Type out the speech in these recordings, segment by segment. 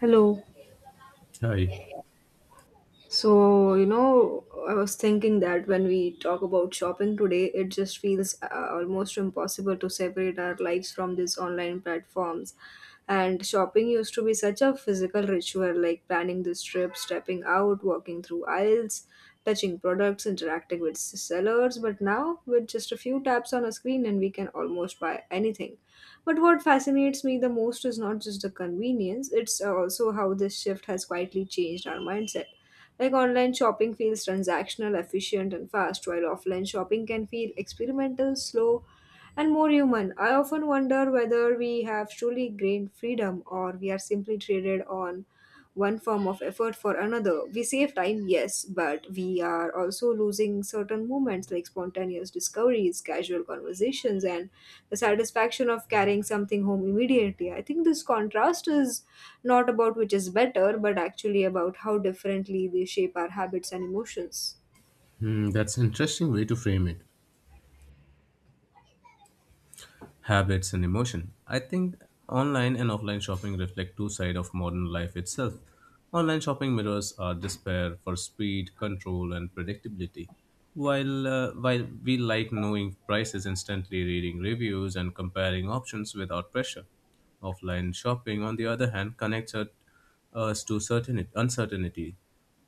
Hello. Hi. So, you know, I was thinking that when we talk about shopping today, it just feels almost impossible to separate our lives from these online platforms. And shopping used to be such a physical ritual like planning this trip, stepping out, walking through aisles, touching products, interacting with sellers. But now, with just a few taps on a screen, and we can almost buy anything. But what fascinates me the most is not just the convenience, it's also how this shift has quietly changed our mindset like online shopping feels transactional, efficient, and fast, while offline shopping can feel experimental, slow, and more human. I often wonder whether we have truly gained freedom or we are simply traded on one form of effort for another. We save time, yes, but we are also losing certain moments like spontaneous discoveries, casual conversations, and the satisfaction of carrying something home immediately. I think this contrast is not about which is better, but actually about how differently they shape our habits and emotions. Hmm, that's an interesting way to frame it. Habits and emotion. I think online and offline shopping reflect two sides of modern life itself. Online shopping mirrors our despair for speed, control, and predictability. While we like knowing prices instantly, reading reviews, and comparing options without pressure. Offline shopping, on the other hand, connects us to certainty, uncertainty,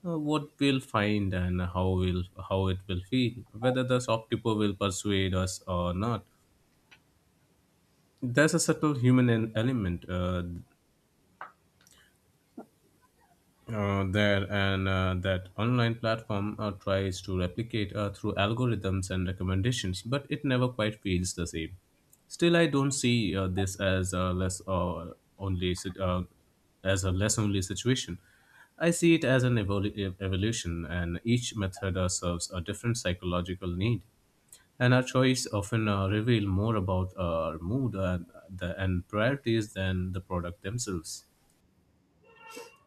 what we'll find and how it will feel, whether the shopkeeper will persuade us or not, there's a subtle human element there, and that online platform tries to replicate through algorithms and recommendations, but it never quite feels the same. Still, I don't see this as a only sit- uh, less only situation. I see it as an evolution, and each method serves a different psychological need, and our choice often reveal more about our mood and priorities than the product themselves.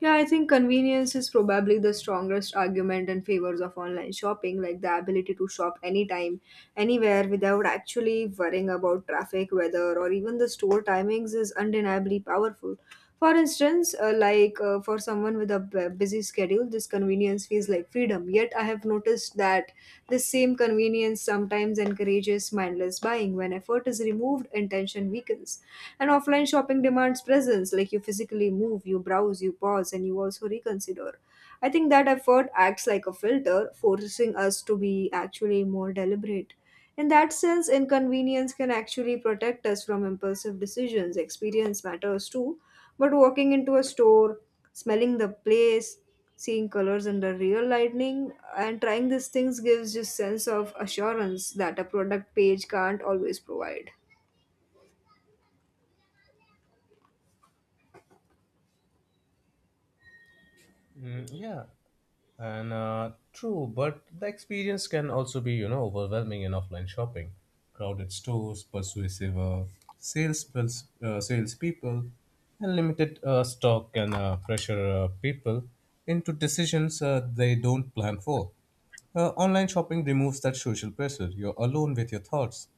Yeah, I think convenience is probably the strongest argument in favors of online shopping, like the ability to shop anytime, anywhere without actually worrying about traffic, weather, or even the store timings is undeniably powerful. For instance, for someone with a busy schedule, this convenience feels like freedom. Yet I have noticed that this same convenience sometimes encourages mindless buying when effort is removed, intention weakens. And offline shopping demands presence, like you physically move, you browse, you pause, and you also reconsider. I think that effort acts like a filter, forcing us to be actually more deliberate. In that sense, inconvenience can actually protect us from impulsive decisions. Experience matters too, but walking into a store, smelling the place, seeing colors under real lighting, and trying these things gives just sense of assurance that a product page can't always provide. Mm, yeah, and true, but the experience can also be, you know, overwhelming in offline shopping. Crowded stores, persuasive sales salespeople, and limited stock can pressure people into decisions they don't plan for. Online shopping removes that social pressure. You're alone with your thoughts,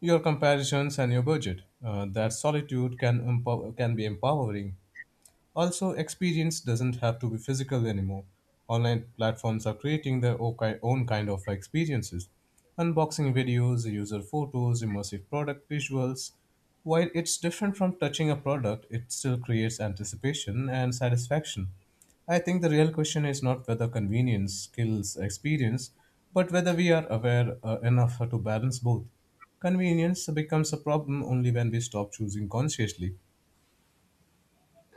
your comparisons, and your budget. That solitude can be empowering. Also, experience doesn't have to be physical anymore. Online platforms are creating their own kind of experiences: unboxing videos, user photos, immersive product visuals. While it's different from touching a product, it still creates anticipation and satisfaction. I think the real question is not whether convenience skills experience, but whether we are aware enough to balance both. Convenience becomes a problem only when we stop choosing consciously.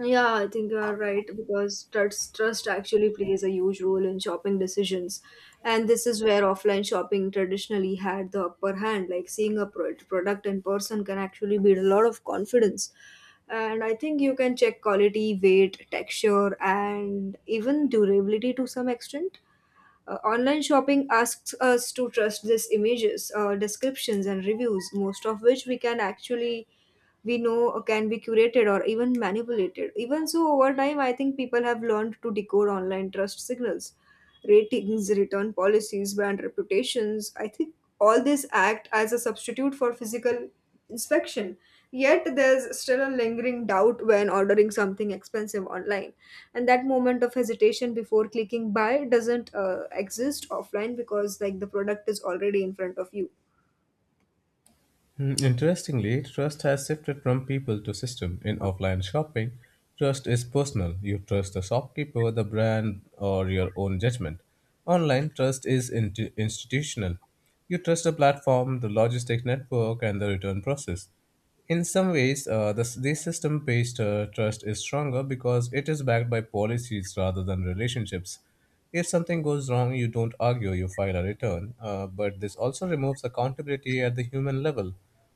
Yeah, I think you are right because trust actually plays a huge role in shopping decisions. And this is where offline shopping traditionally had the upper hand. Like seeing a product in person can actually build a lot of confidence. And I think you can check quality, weight, texture, and even durability to some extent. Online shopping asks us to trust these images, descriptions, and reviews, most of which we know can be curated or even manipulated. Even so, over time, I think people have learned to decode online trust signals, ratings, return policies, brand reputations. I think all this act as a substitute for physical inspection. Yet there's still a lingering doubt when ordering something expensive online, and that moment of hesitation before clicking buy doesn't exist offline because like the product is already in front of you. Hmm, interestingly, trust has shifted from people to system. In offline shopping, trust is personal. You trust the shopkeeper, the brand, or your own judgment. Online, trust is institutional. You trust the platform, the logistics network, and the return process. In some ways, this system based trust is stronger because it is backed by policies rather than relationships. If something goes wrong, you don't argue, you file a return. But this also removes accountability at the human level.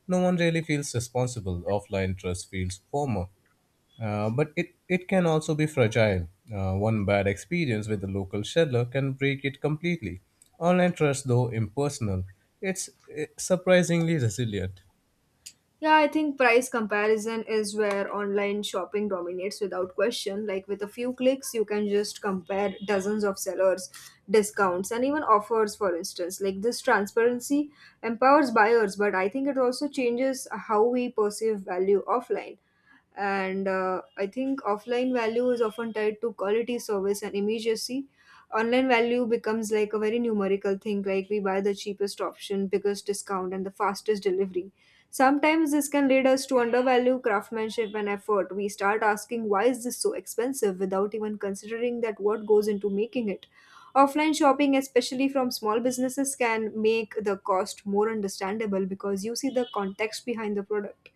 No one really feels responsible. Offline trust feels formal. But it can also be fragile. One bad experience with a local seller can break it completely. Online trust, though impersonal, it's surprisingly resilient. Yeah, I think price comparison is where online shopping dominates without question. Like with a few clicks, you can just compare dozens of sellers, discounts, and even offers, for instance. Like this transparency empowers buyers, but I think it also changes how we perceive value offline, and I think offline value is often tied to quality service and immediacy. Online value becomes like a very numerical thing, like we buy the cheapest option, biggest discount, and the fastest delivery. Sometimes this can lead us to undervalue craftsmanship and effort. We start asking why is this so expensive without even considering that what goes into making it. Offline shopping, especially from small businesses, can make the cost more understandable because you see the context behind the product.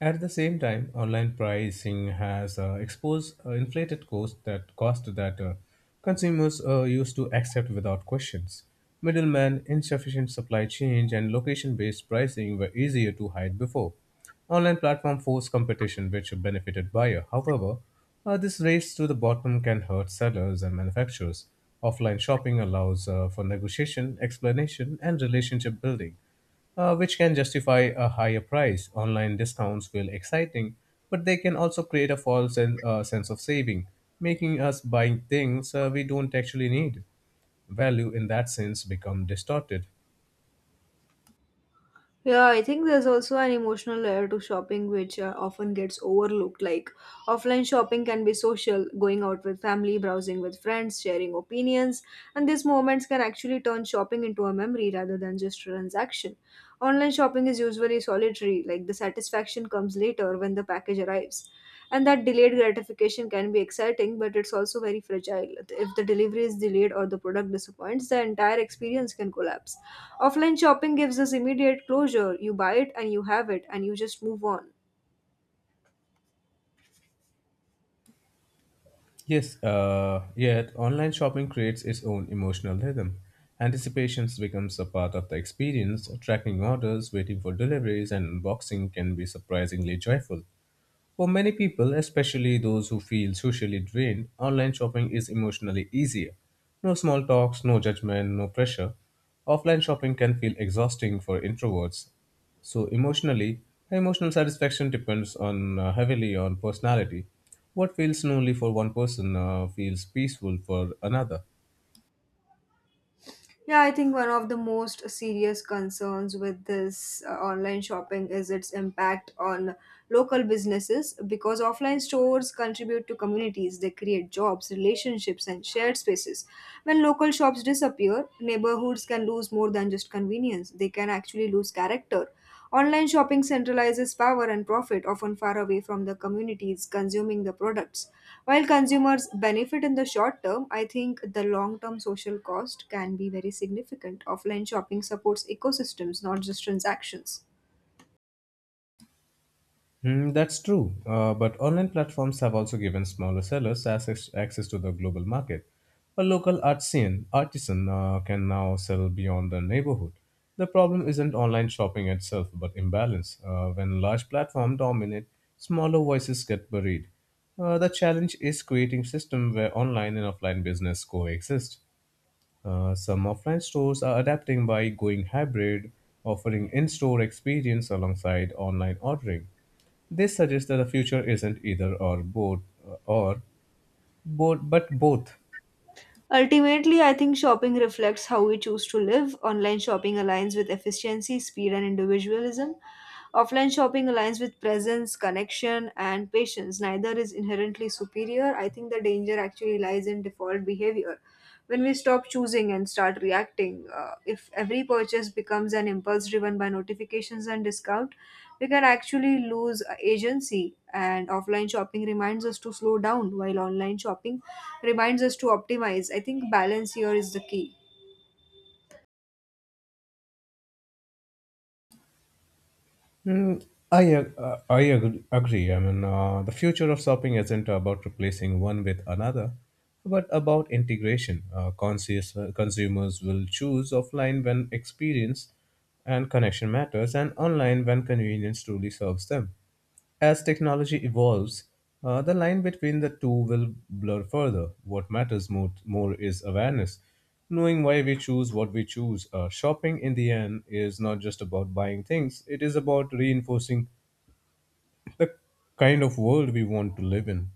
At the same time, online pricing has exposed inflated cost that consumers used to accept without questions. Middlemen, insufficient supply chain, and location-based pricing were easier to hide before. Online platform forced competition, which benefited buyer. However, this race to the bottom can hurt sellers and manufacturers. Offline shopping allows for negotiation, explanation, and relationship building, which can justify a higher price. Online discounts feel exciting, but they can also create a sense of saving, making us buying things we don't actually need. Value in that sense become distorted. Yeah, I think there's also an emotional layer to shopping which often gets overlooked. Like offline shopping can be social, going out with family, browsing with friends, sharing opinions, and these moments can actually turn shopping into a memory rather than just a transaction. Online shopping is usually solitary, like the satisfaction comes later when the package arrives. And that delayed gratification can be exciting, but it's also very fragile. If the delivery is delayed or the product disappoints, the entire experience can collapse. Offline shopping gives us immediate closure. You buy it and you have it, and you just move on. Yes, yet online shopping creates its own emotional rhythm. Anticipations becomes a part of the experience. Tracking orders, waiting for deliveries, and unboxing can be surprisingly joyful. For many people, especially those who feel socially drained, online shopping is emotionally easier. No small talks, no judgment, no pressure. Offline shopping can feel exhausting for introverts. So emotionally, emotional satisfaction depends on heavily on personality. What feels lonely for one person feels peaceful for another. Yeah, I think one of the most serious concerns with this online shopping is its impact on local businesses because offline stores contribute to communities, they create jobs, relationships, and shared spaces. When local shops disappear, neighborhoods can lose more than just convenience, they can actually lose character. Online shopping centralizes power and profit, often far away from the communities consuming the products. While consumers benefit in the short term, I think the long term social cost can be very significant. Offline shopping supports ecosystems, not just transactions. Mm, that's true, but online platforms have also given smaller sellers access to the global market. A local artisan can now sell beyond the neighborhood. The problem isn't online shopping itself, but imbalance. When large platforms dominate, smaller voices get buried. The challenge is creating system where online and offline business coexist. Some offline stores are adapting by going hybrid, offering in-store experience alongside online ordering. This suggests that the future isn't either or both but both. Ultimately, I think shopping reflects how we choose to live. Online shopping aligns with efficiency, speed, and individualism. Offline shopping aligns with presence, connection, and patience. Neither is inherently superior. I think the danger actually lies in default behavior. When we stop choosing and start reacting, if every purchase becomes an impulse driven by notifications and discount, we can actually lose agency. And offline shopping reminds us to slow down, while online shopping reminds us to optimize. I think balance here is the key. Hmm, agree. I mean, the future of shopping isn't about replacing one with another, but about integration. Conscious consumers will choose offline when experience and connection matters, and online when convenience truly serves them. As technology evolves, the line between the two will blur further. What matters more is awareness. Knowing why we choose what we choose. Shopping, in the end, is not just about buying things, it is about reinforcing kind of world we want to live in.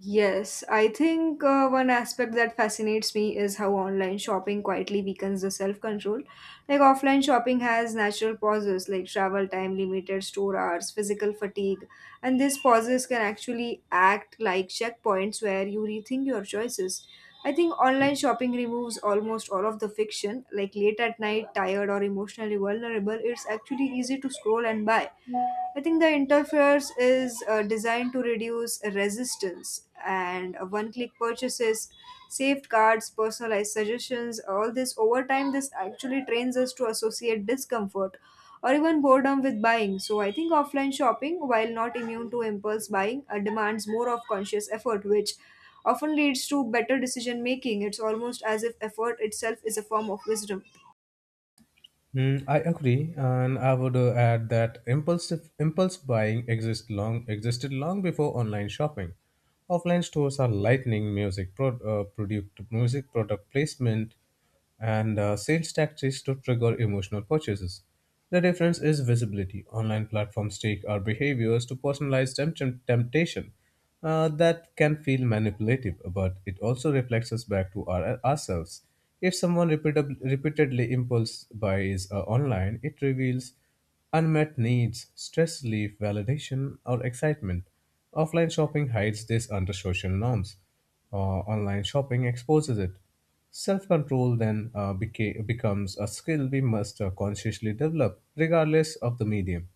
Yes, I think one aspect that fascinates me is how online shopping quietly weakens the self control. Like offline shopping has natural pauses like travel time, limited store hours, physical fatigue, and these pauses can actually act like checkpoints where you rethink your choices. I think online shopping removes almost all of the fiction, like late at night, tired, or emotionally vulnerable, it's actually easy to scroll and buy. I think the interface is designed to reduce resistance, and one click purchases, safeguards, personalized suggestions, all this over time, this actually trains us to associate discomfort or even boredom with buying. So, I think offline shopping, while not immune to impulse buying, demands more of conscious effort, which often leads to better decision making. It's almost as if effort itself is a form of wisdom. Mm, I agree, and I would add that impulsive impulse buying existed long before online shopping. Offline stores are lightning music pro, product music product placement and sales tactics to trigger emotional purchases. The difference is visibility. Online platforms take our behaviors to personalize temptation, that can feel manipulative, but it also reflects us back to ourselves. If someone repeatedly impulse buys online, it reveals unmet needs, stress relief, validation, or excitement. Offline shopping hides this under social norms. Online shopping exposes it. Self control then becomes a skill we must consciously develop, regardless of the medium.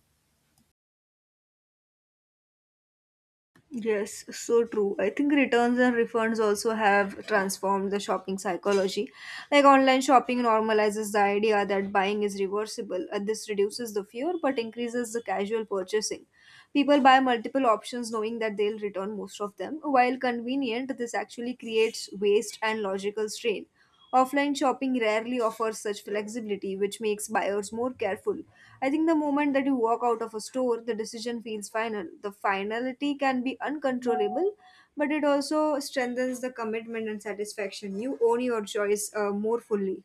Yes, so true. I think returns and refunds also have transformed the shopping psychology. Like online shopping normalizes the idea that buying is reversible, and this reduces the fear but increases the casual purchasing. People buy multiple options knowing that they'll return most of them. While convenient, this actually creates waste and logical strain. Offline shopping rarely offers such flexibility, which makes buyers more careful. I think the moment that you walk out of a store, the decision feels final. The finality can be uncontrollable, but it also strengthens the commitment and satisfaction. You own your choice more fully.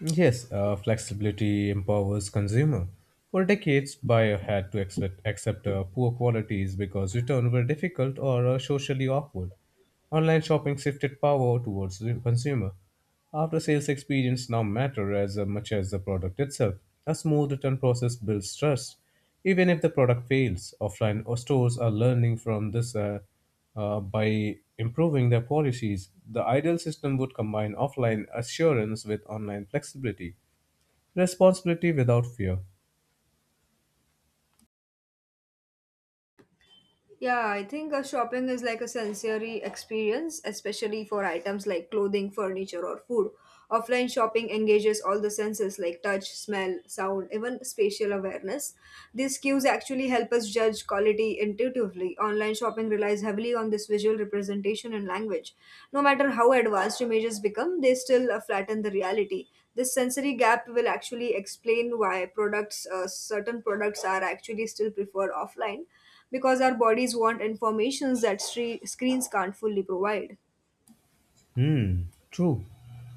Yes, flexibility empowers consumer. For decades, buyer had to accept poor qualities because returns were difficult or socially awkward. Online shopping shifted power towards the consumer. After sales experience now matter as much as the product itself. A smooth return process builds trust. Even if the product fails, offline or stores are learning from this by improving their policies. The ideal system would combine offline assurance with online flexibility, responsibility without fear. Yeah, I think shopping is like a sensory experience, especially for items like clothing, furniture, or food. Offline shopping engages all the senses like touch, smell, sound, even spatial awareness. These cues actually help us judge quality intuitively. Online shopping relies heavily on this visual representation and language. No matter how advanced images become, they still flatten the reality. This sensory gap will actually explain why products, certain products, are actually still preferred offline because our bodies want informations that screens can't fully provide. Hmm, true.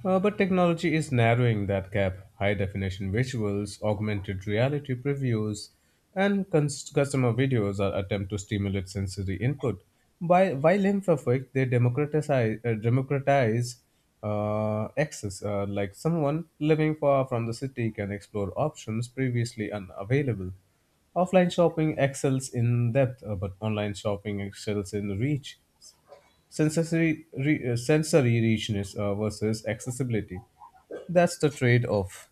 But technology is narrowing that gap. High definition visuals, augmented reality previews, and customer videos are attempt to stimulate sensory input. By while imperfect, they democratize access. Like someone living far from the city can explore options previously unavailable. Offline shopping excels in depth, but online shopping excels in reach. Sensory richness versus accessibility. That's the trade off.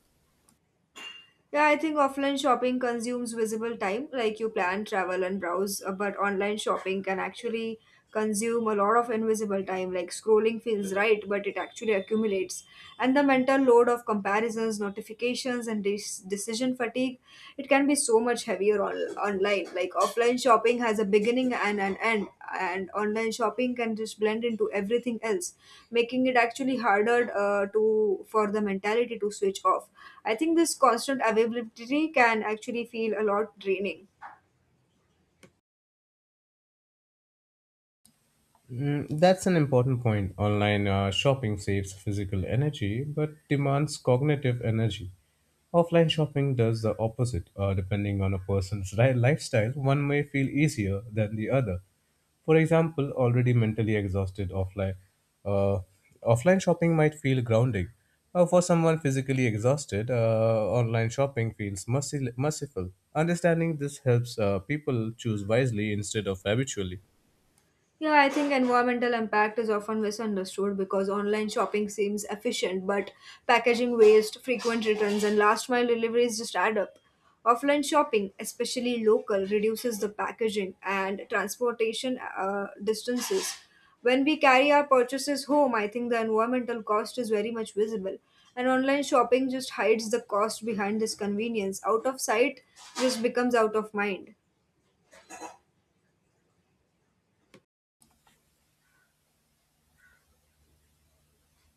Yeah, I think offline shopping consumes visible time, like you plan, travel, and browse, but online shopping can actually consume a lot of invisible time. Like scrolling feels right, but it actually accumulates. And the mental load of comparisons, notifications, and decision fatigue, it can be so much heavier on, online. Like offline shopping has a beginning and an end, and online shopping can just blend into everything else, making it actually harder to for the mentality to switch off. I think this constant availability can actually feel a lot draining. Mm, that's an important point. Online shopping saves physical energy but demands cognitive energy. Offline shopping does the opposite. Depending on a person's lifestyle, one may feel easier than the other. For example, already mentally exhausted uh, offline shopping might feel grounding. For someone physically exhausted, online shopping feels merciful. Understanding this helps people choose wisely instead of habitually. Yeah, I think environmental impact is often misunderstood because online shopping seems efficient, but packaging waste, frequent returns, and last mile deliveries just add up. Offline shopping, especially local, reduces the packaging and transportation distances. When we carry our purchases home, I think the environmental cost is very much visible. And online shopping just hides the cost behind this convenience. Out of sight just becomes out of mind.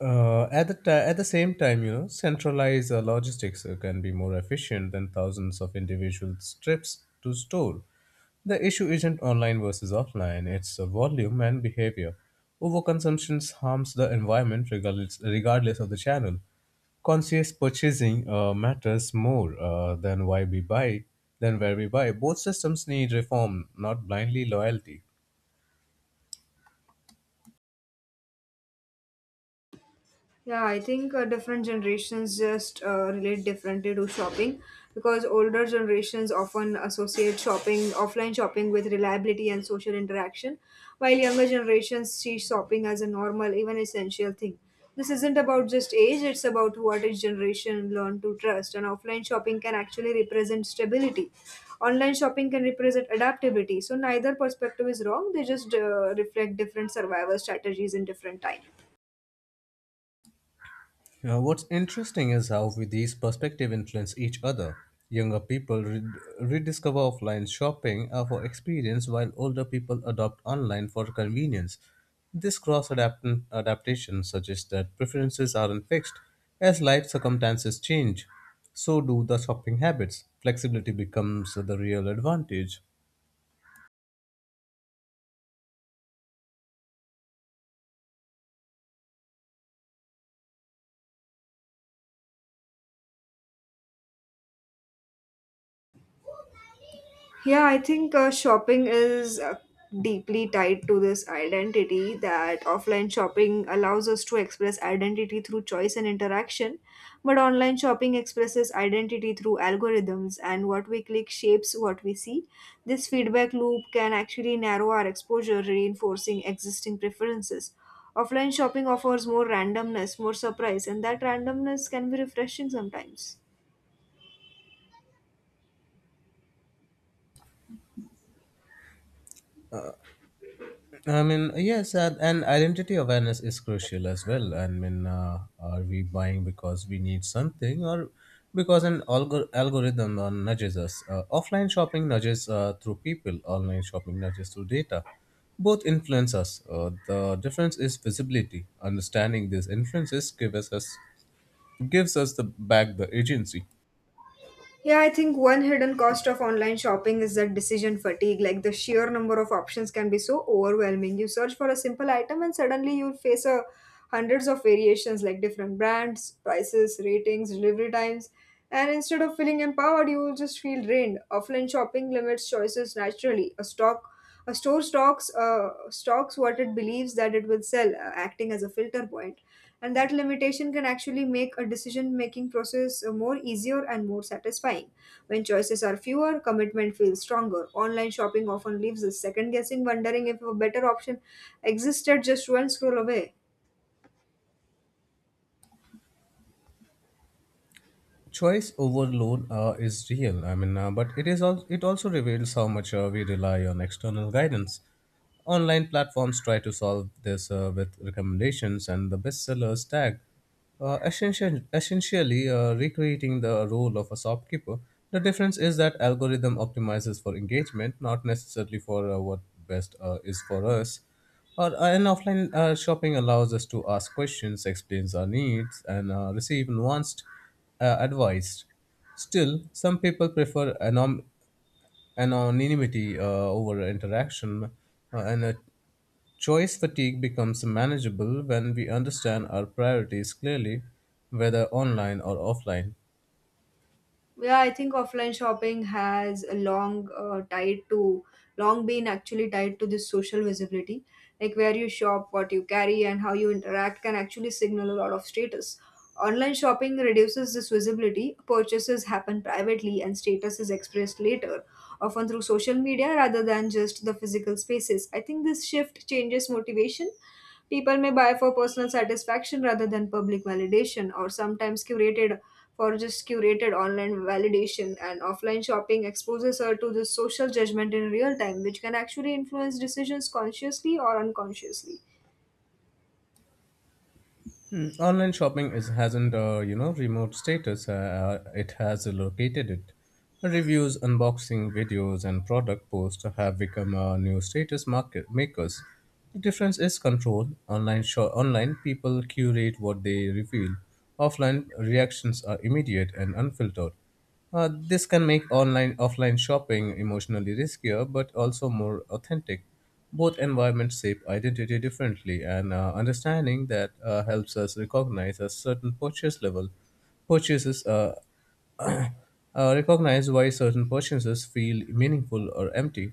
At the same time, you know, centralized logistics can be more efficient than thousands of individual trips to store. The issue isn't online versus offline; it's volume and behavior. Overconsumption harms the environment regardless of the channel. Conscious purchasing matters more than why we buy than where we buy. Both systems need reform, not blindly loyalty. Yeah, I think different generations just relate differently to shopping because older generations often associate shopping, offline shopping, with reliability and social interaction, while younger generations see shopping as a normal, even essential thing. This isn't about just age, it's about what each generation learned to trust, and offline shopping can actually represent stability. Online shopping can represent adaptability. So, neither perspective is wrong, they just reflect different survival strategies in different times. What's interesting is how these perspectives influence each other. Younger people rediscover offline shopping for experience, while older people adopt online for convenience. This cross adaptation suggests that preferences aren't fixed. As life circumstances change, so do the shopping habits. Flexibility becomes the real advantage. Yeah, I think shopping is deeply tied to this identity that offline shopping allows us to express identity through choice and interaction, but online shopping expresses identity through algorithms and what we click shapes what we see. This feedback loop can actually narrow our exposure, reinforcing existing preferences. Offline shopping offers more randomness, more surprise, and that randomness can be refreshing sometimes. I mean, yes, and identity awareness is crucial as well. I mean, are we buying because we need something or because an algorithm nudges us? Offline shopping nudges through people, online shopping nudges through data. Both influence us. The difference is visibility. Understanding these influences gives us the back the agency. Yeah, I think one hidden cost of online shopping is that decision fatigue. Like, the sheer number of options can be so overwhelming. You search for a simple item and suddenly you face a hundreds of variations like different brands, prices, ratings, delivery times. And instead of feeling empowered, you will just feel drained. Offline shopping limits choices naturally. A store stocks stocks what it believes that it will sell, acting as a filter point, and that limitation can actually make a decision-making process more easier and more satisfying. When choices are fewer, commitment feels stronger. Online shopping often leaves us second guessing, wondering if a better option existed just one scroll away. Choice overload is real. I mean, but it is also it also reveals how much we rely on external guidance. Online platforms try to solve this with recommendations and the bestsellers tag, essentially recreating the role of a shopkeeper. The difference is that algorithm optimizes for engagement, not necessarily for what best is for us. Or an offline shopping allows us to ask questions, explains our needs, and receive nuanced advice. Still, some people prefer anom- and anonymity over interaction, and a choice fatigue becomes manageable when we understand our priorities clearly, whether online or offline. Yeah, I think offline shopping has a long tied to long been actually tied to this social visibility. Like, where you shop, what you carry, and how you interact can actually signal a lot of status. Online shopping reduces this visibility. Purchases happen privately, and status is expressed later, often through social media rather than just the physical spaces. I think this shift changes motivation. People may buy for personal satisfaction rather than public validation, or sometimes curated for just curated online validation, and offline shopping exposes her to this social judgment in real time, which can actually influence decisions consciously or unconsciously. Mm, online shopping is hasn't you know remote status. It has located it. Reviews, unboxing videos, and product posts have become new status market makers. The difference is control. Online people curate what they reveal. Offline reactions are immediate and unfiltered. This can make online offline shopping emotionally riskier but also more authentic. Both environments shape identity differently, and understanding that helps us recognize a certain purchase level. Purchases Recognize why certain purchases feel meaningful or empty.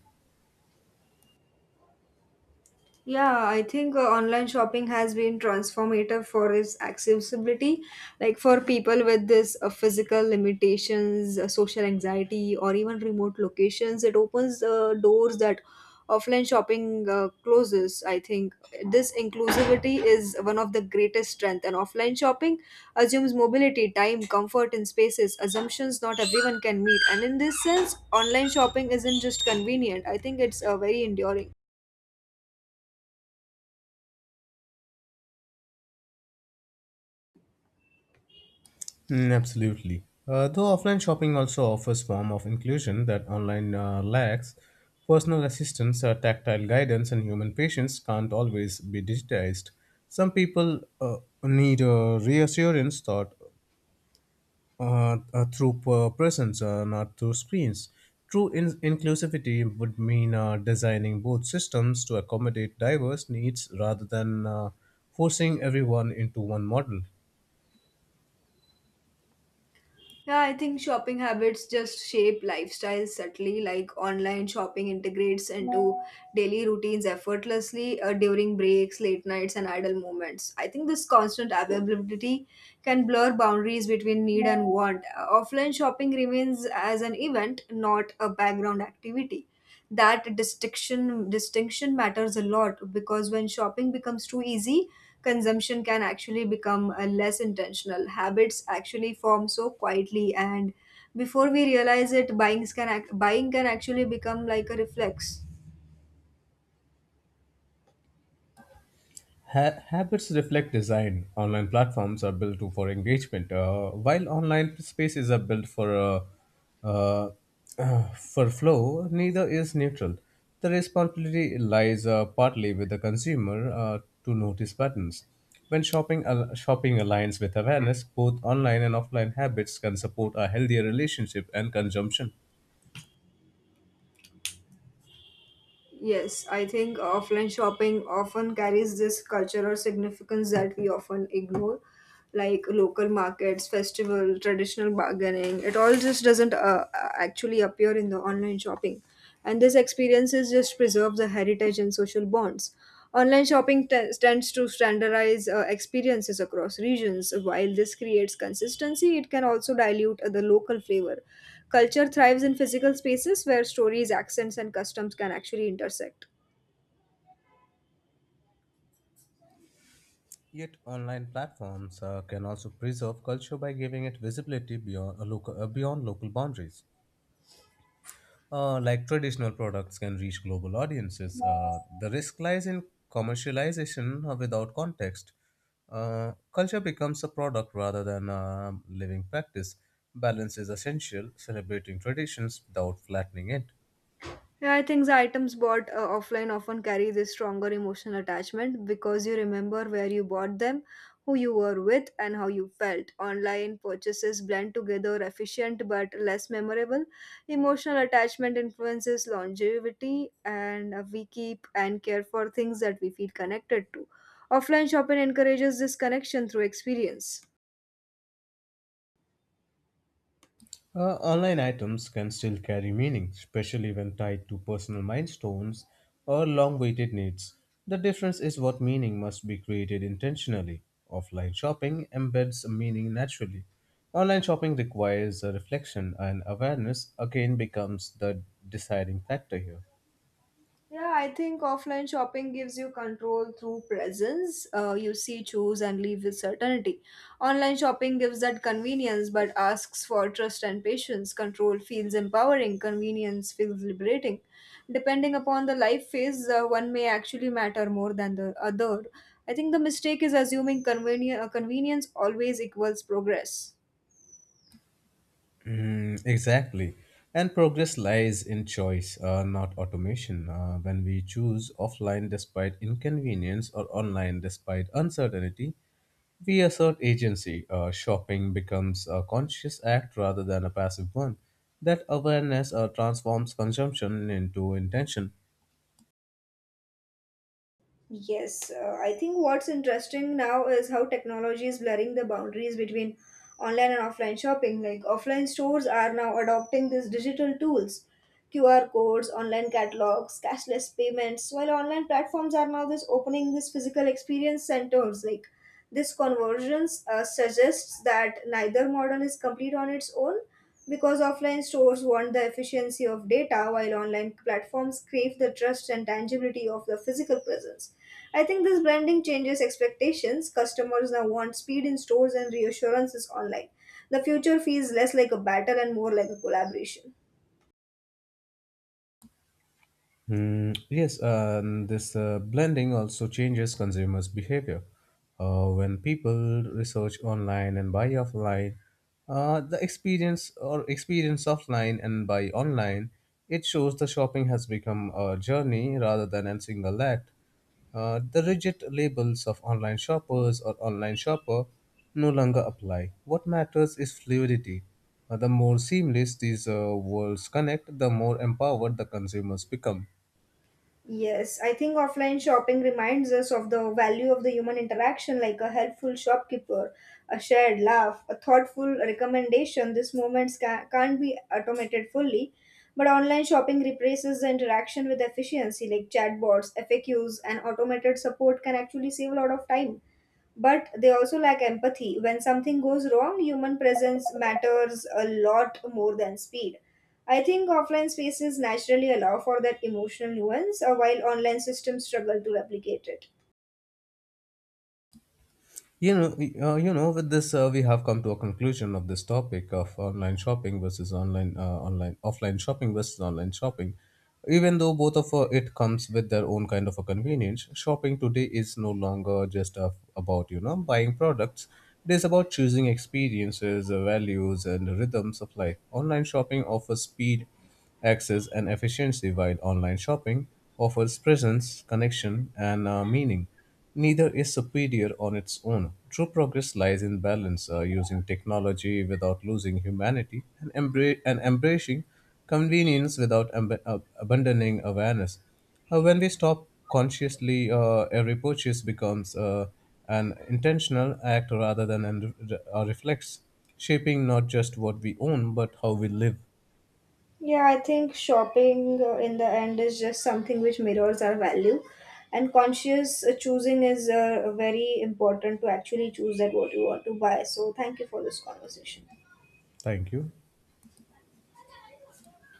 Yeah, I think online shopping has been transformative for its accessibility. Like, for people with this physical limitations, social anxiety, or even remote locations, it opens doors that offline shopping closes. I think this inclusivity is one of the greatest strength. And offline shopping assumes mobility, time, comfort, and spaces assumptions not everyone can meet. And in this sense, online shopping isn't just convenient. I think it's very enduring. Mm, absolutely. Though offline shopping also offers form of inclusion that online lacks, personal assistance, tactile guidance, and human patience can't always be digitized. Some people need reassurance thought presence, not through screens. True inclusivity would mean designing both systems to accommodate diverse needs rather than forcing everyone into one model. Yeah, I think shopping habits just shape lifestyles subtly. Like, online shopping integrates into daily routines effortlessly, during breaks, late nights, and idle moments. I think this constant availability can blur boundaries between need and want. Offline shopping remains as an event, not a background activity. That distinction matters a lot, because when shopping becomes too easy, consumption can actually become less intentional. Habits actually form so quietly, and before we realize it, buying can actually become like a reflex. Habits reflect design. Online platforms are built for engagement, while online spaces are built uh, uh, for flow. Neither is neutral. The responsibility lies partly with the consumer to notice patterns. When shopping aligns with awareness, both online and offline habits can support a healthier relationship and consumption. Yes, I think offline shopping often carries this cultural significance that we often ignore, like local markets, festival, traditional bargaining. It all just doesn't actually appear in the online shopping, and this experiences just preserve the heritage and social bonds. Online shopping tends to standardize experiences across regions. While this creates consistency, it can also dilute the local flavor. Culture thrives in physical spaces where stories, accents, and customs can actually intersect. Yet, online platforms can also preserve culture by giving it visibility beyond local boundaries. Like traditional products can reach global audiences. The risk lies in commercialization without context. Culture becomes a product rather than a living practice. Balance is essential, celebrating traditions without flattening it. Yeah, I think the items bought offline often carry this stronger emotional attachment because you remember where you bought them, who you were with, and how you felt. Online purchases blend together, efficient but less memorable. Emotional attachment influences longevity, and we keep and care for things that we feel connected to. Offline shopping encourages this connection through experience. Online items can still carry meaning, especially when tied to personal milestones or long awaited needs. The difference is what meaning must be created intentionally. Offline shopping embeds meaning naturally. Online shopping requires a reflection and awareness, again, becomes the deciding factor here. Yeah, I think offline shopping gives you control through presence. You see, choose, and leave with certainty. Online shopping gives that convenience but asks for trust and patience. Control feels empowering, convenience feels liberating. Depending upon the life phase, one may actually matter more than the other. I think the mistake is assuming convenience always equals progress. Mm, exactly. And progress lies in choice, not automation. When we choose offline despite inconvenience or online despite uncertainty, we assert agency. Shopping becomes a conscious act rather than a passive one. That awareness transforms consumption into intention. Yes, I think what's interesting now is how technology is blurring the boundaries between online and offline shopping. Like, offline stores are now adopting these digital tools: QR codes, online catalogs, cashless payments, while online platforms are now this opening these physical experience centers. Like, this convergence suggests that neither model is complete on its own, because offline stores want the efficiency of data while online platforms crave the trust and tangibility of the physical presence. I think this branding changes expectations. Customers now want speed in stores and reassurances online. The future feels less like a battle and more like a collaboration. Mm, yes, and this blending also changes consumers' behavior. When people research online and buy offline, the experience or experience offline and buy online, it shows the shopping has become a journey rather than a single act. The rigid labels of online shoppers or online shopper no longer apply. What matters is fluidity. The more seamless these worlds connect, the more empowered the consumers become. Yes, I think offline shopping reminds us of the value of the human interaction, like a helpful shopkeeper, a shared laugh, a thoughtful recommendation. These moments can't be automated fully, but online shopping replaces the interaction with efficiency. Like, chatbots, FAQs, and automated support can actually save a lot of time, but they also lack empathy. When something goes wrong, human presence matters a lot more than speed. I think offline spaces naturally allow for that emotional nuance, while online systems struggle to replicate it. With this, we have come to a conclusion of this topic of online shopping versus offline shopping versus online shopping. Even though both of it comes with their own kind of a convenience, shopping today is no longer just about you know buying products. It is about choosing experiences, values, and rhythms of life. Online shopping offers speed, access, and efficiency, while online shopping offers presence, connection, and meaning. Neither is superior on its own. True progress lies in balance, using technology without losing humanity, and embracing convenience without abandoning awareness. When we stop consciously, every purchase becomes an intentional act rather than a reflex, shaping not just what we own but how we live. Yeah, I think shopping in the end is just something which mirrors our value, and conscious choosing is very important to actually choose that what you want to buy. So, thank you for this conversation. Thank you.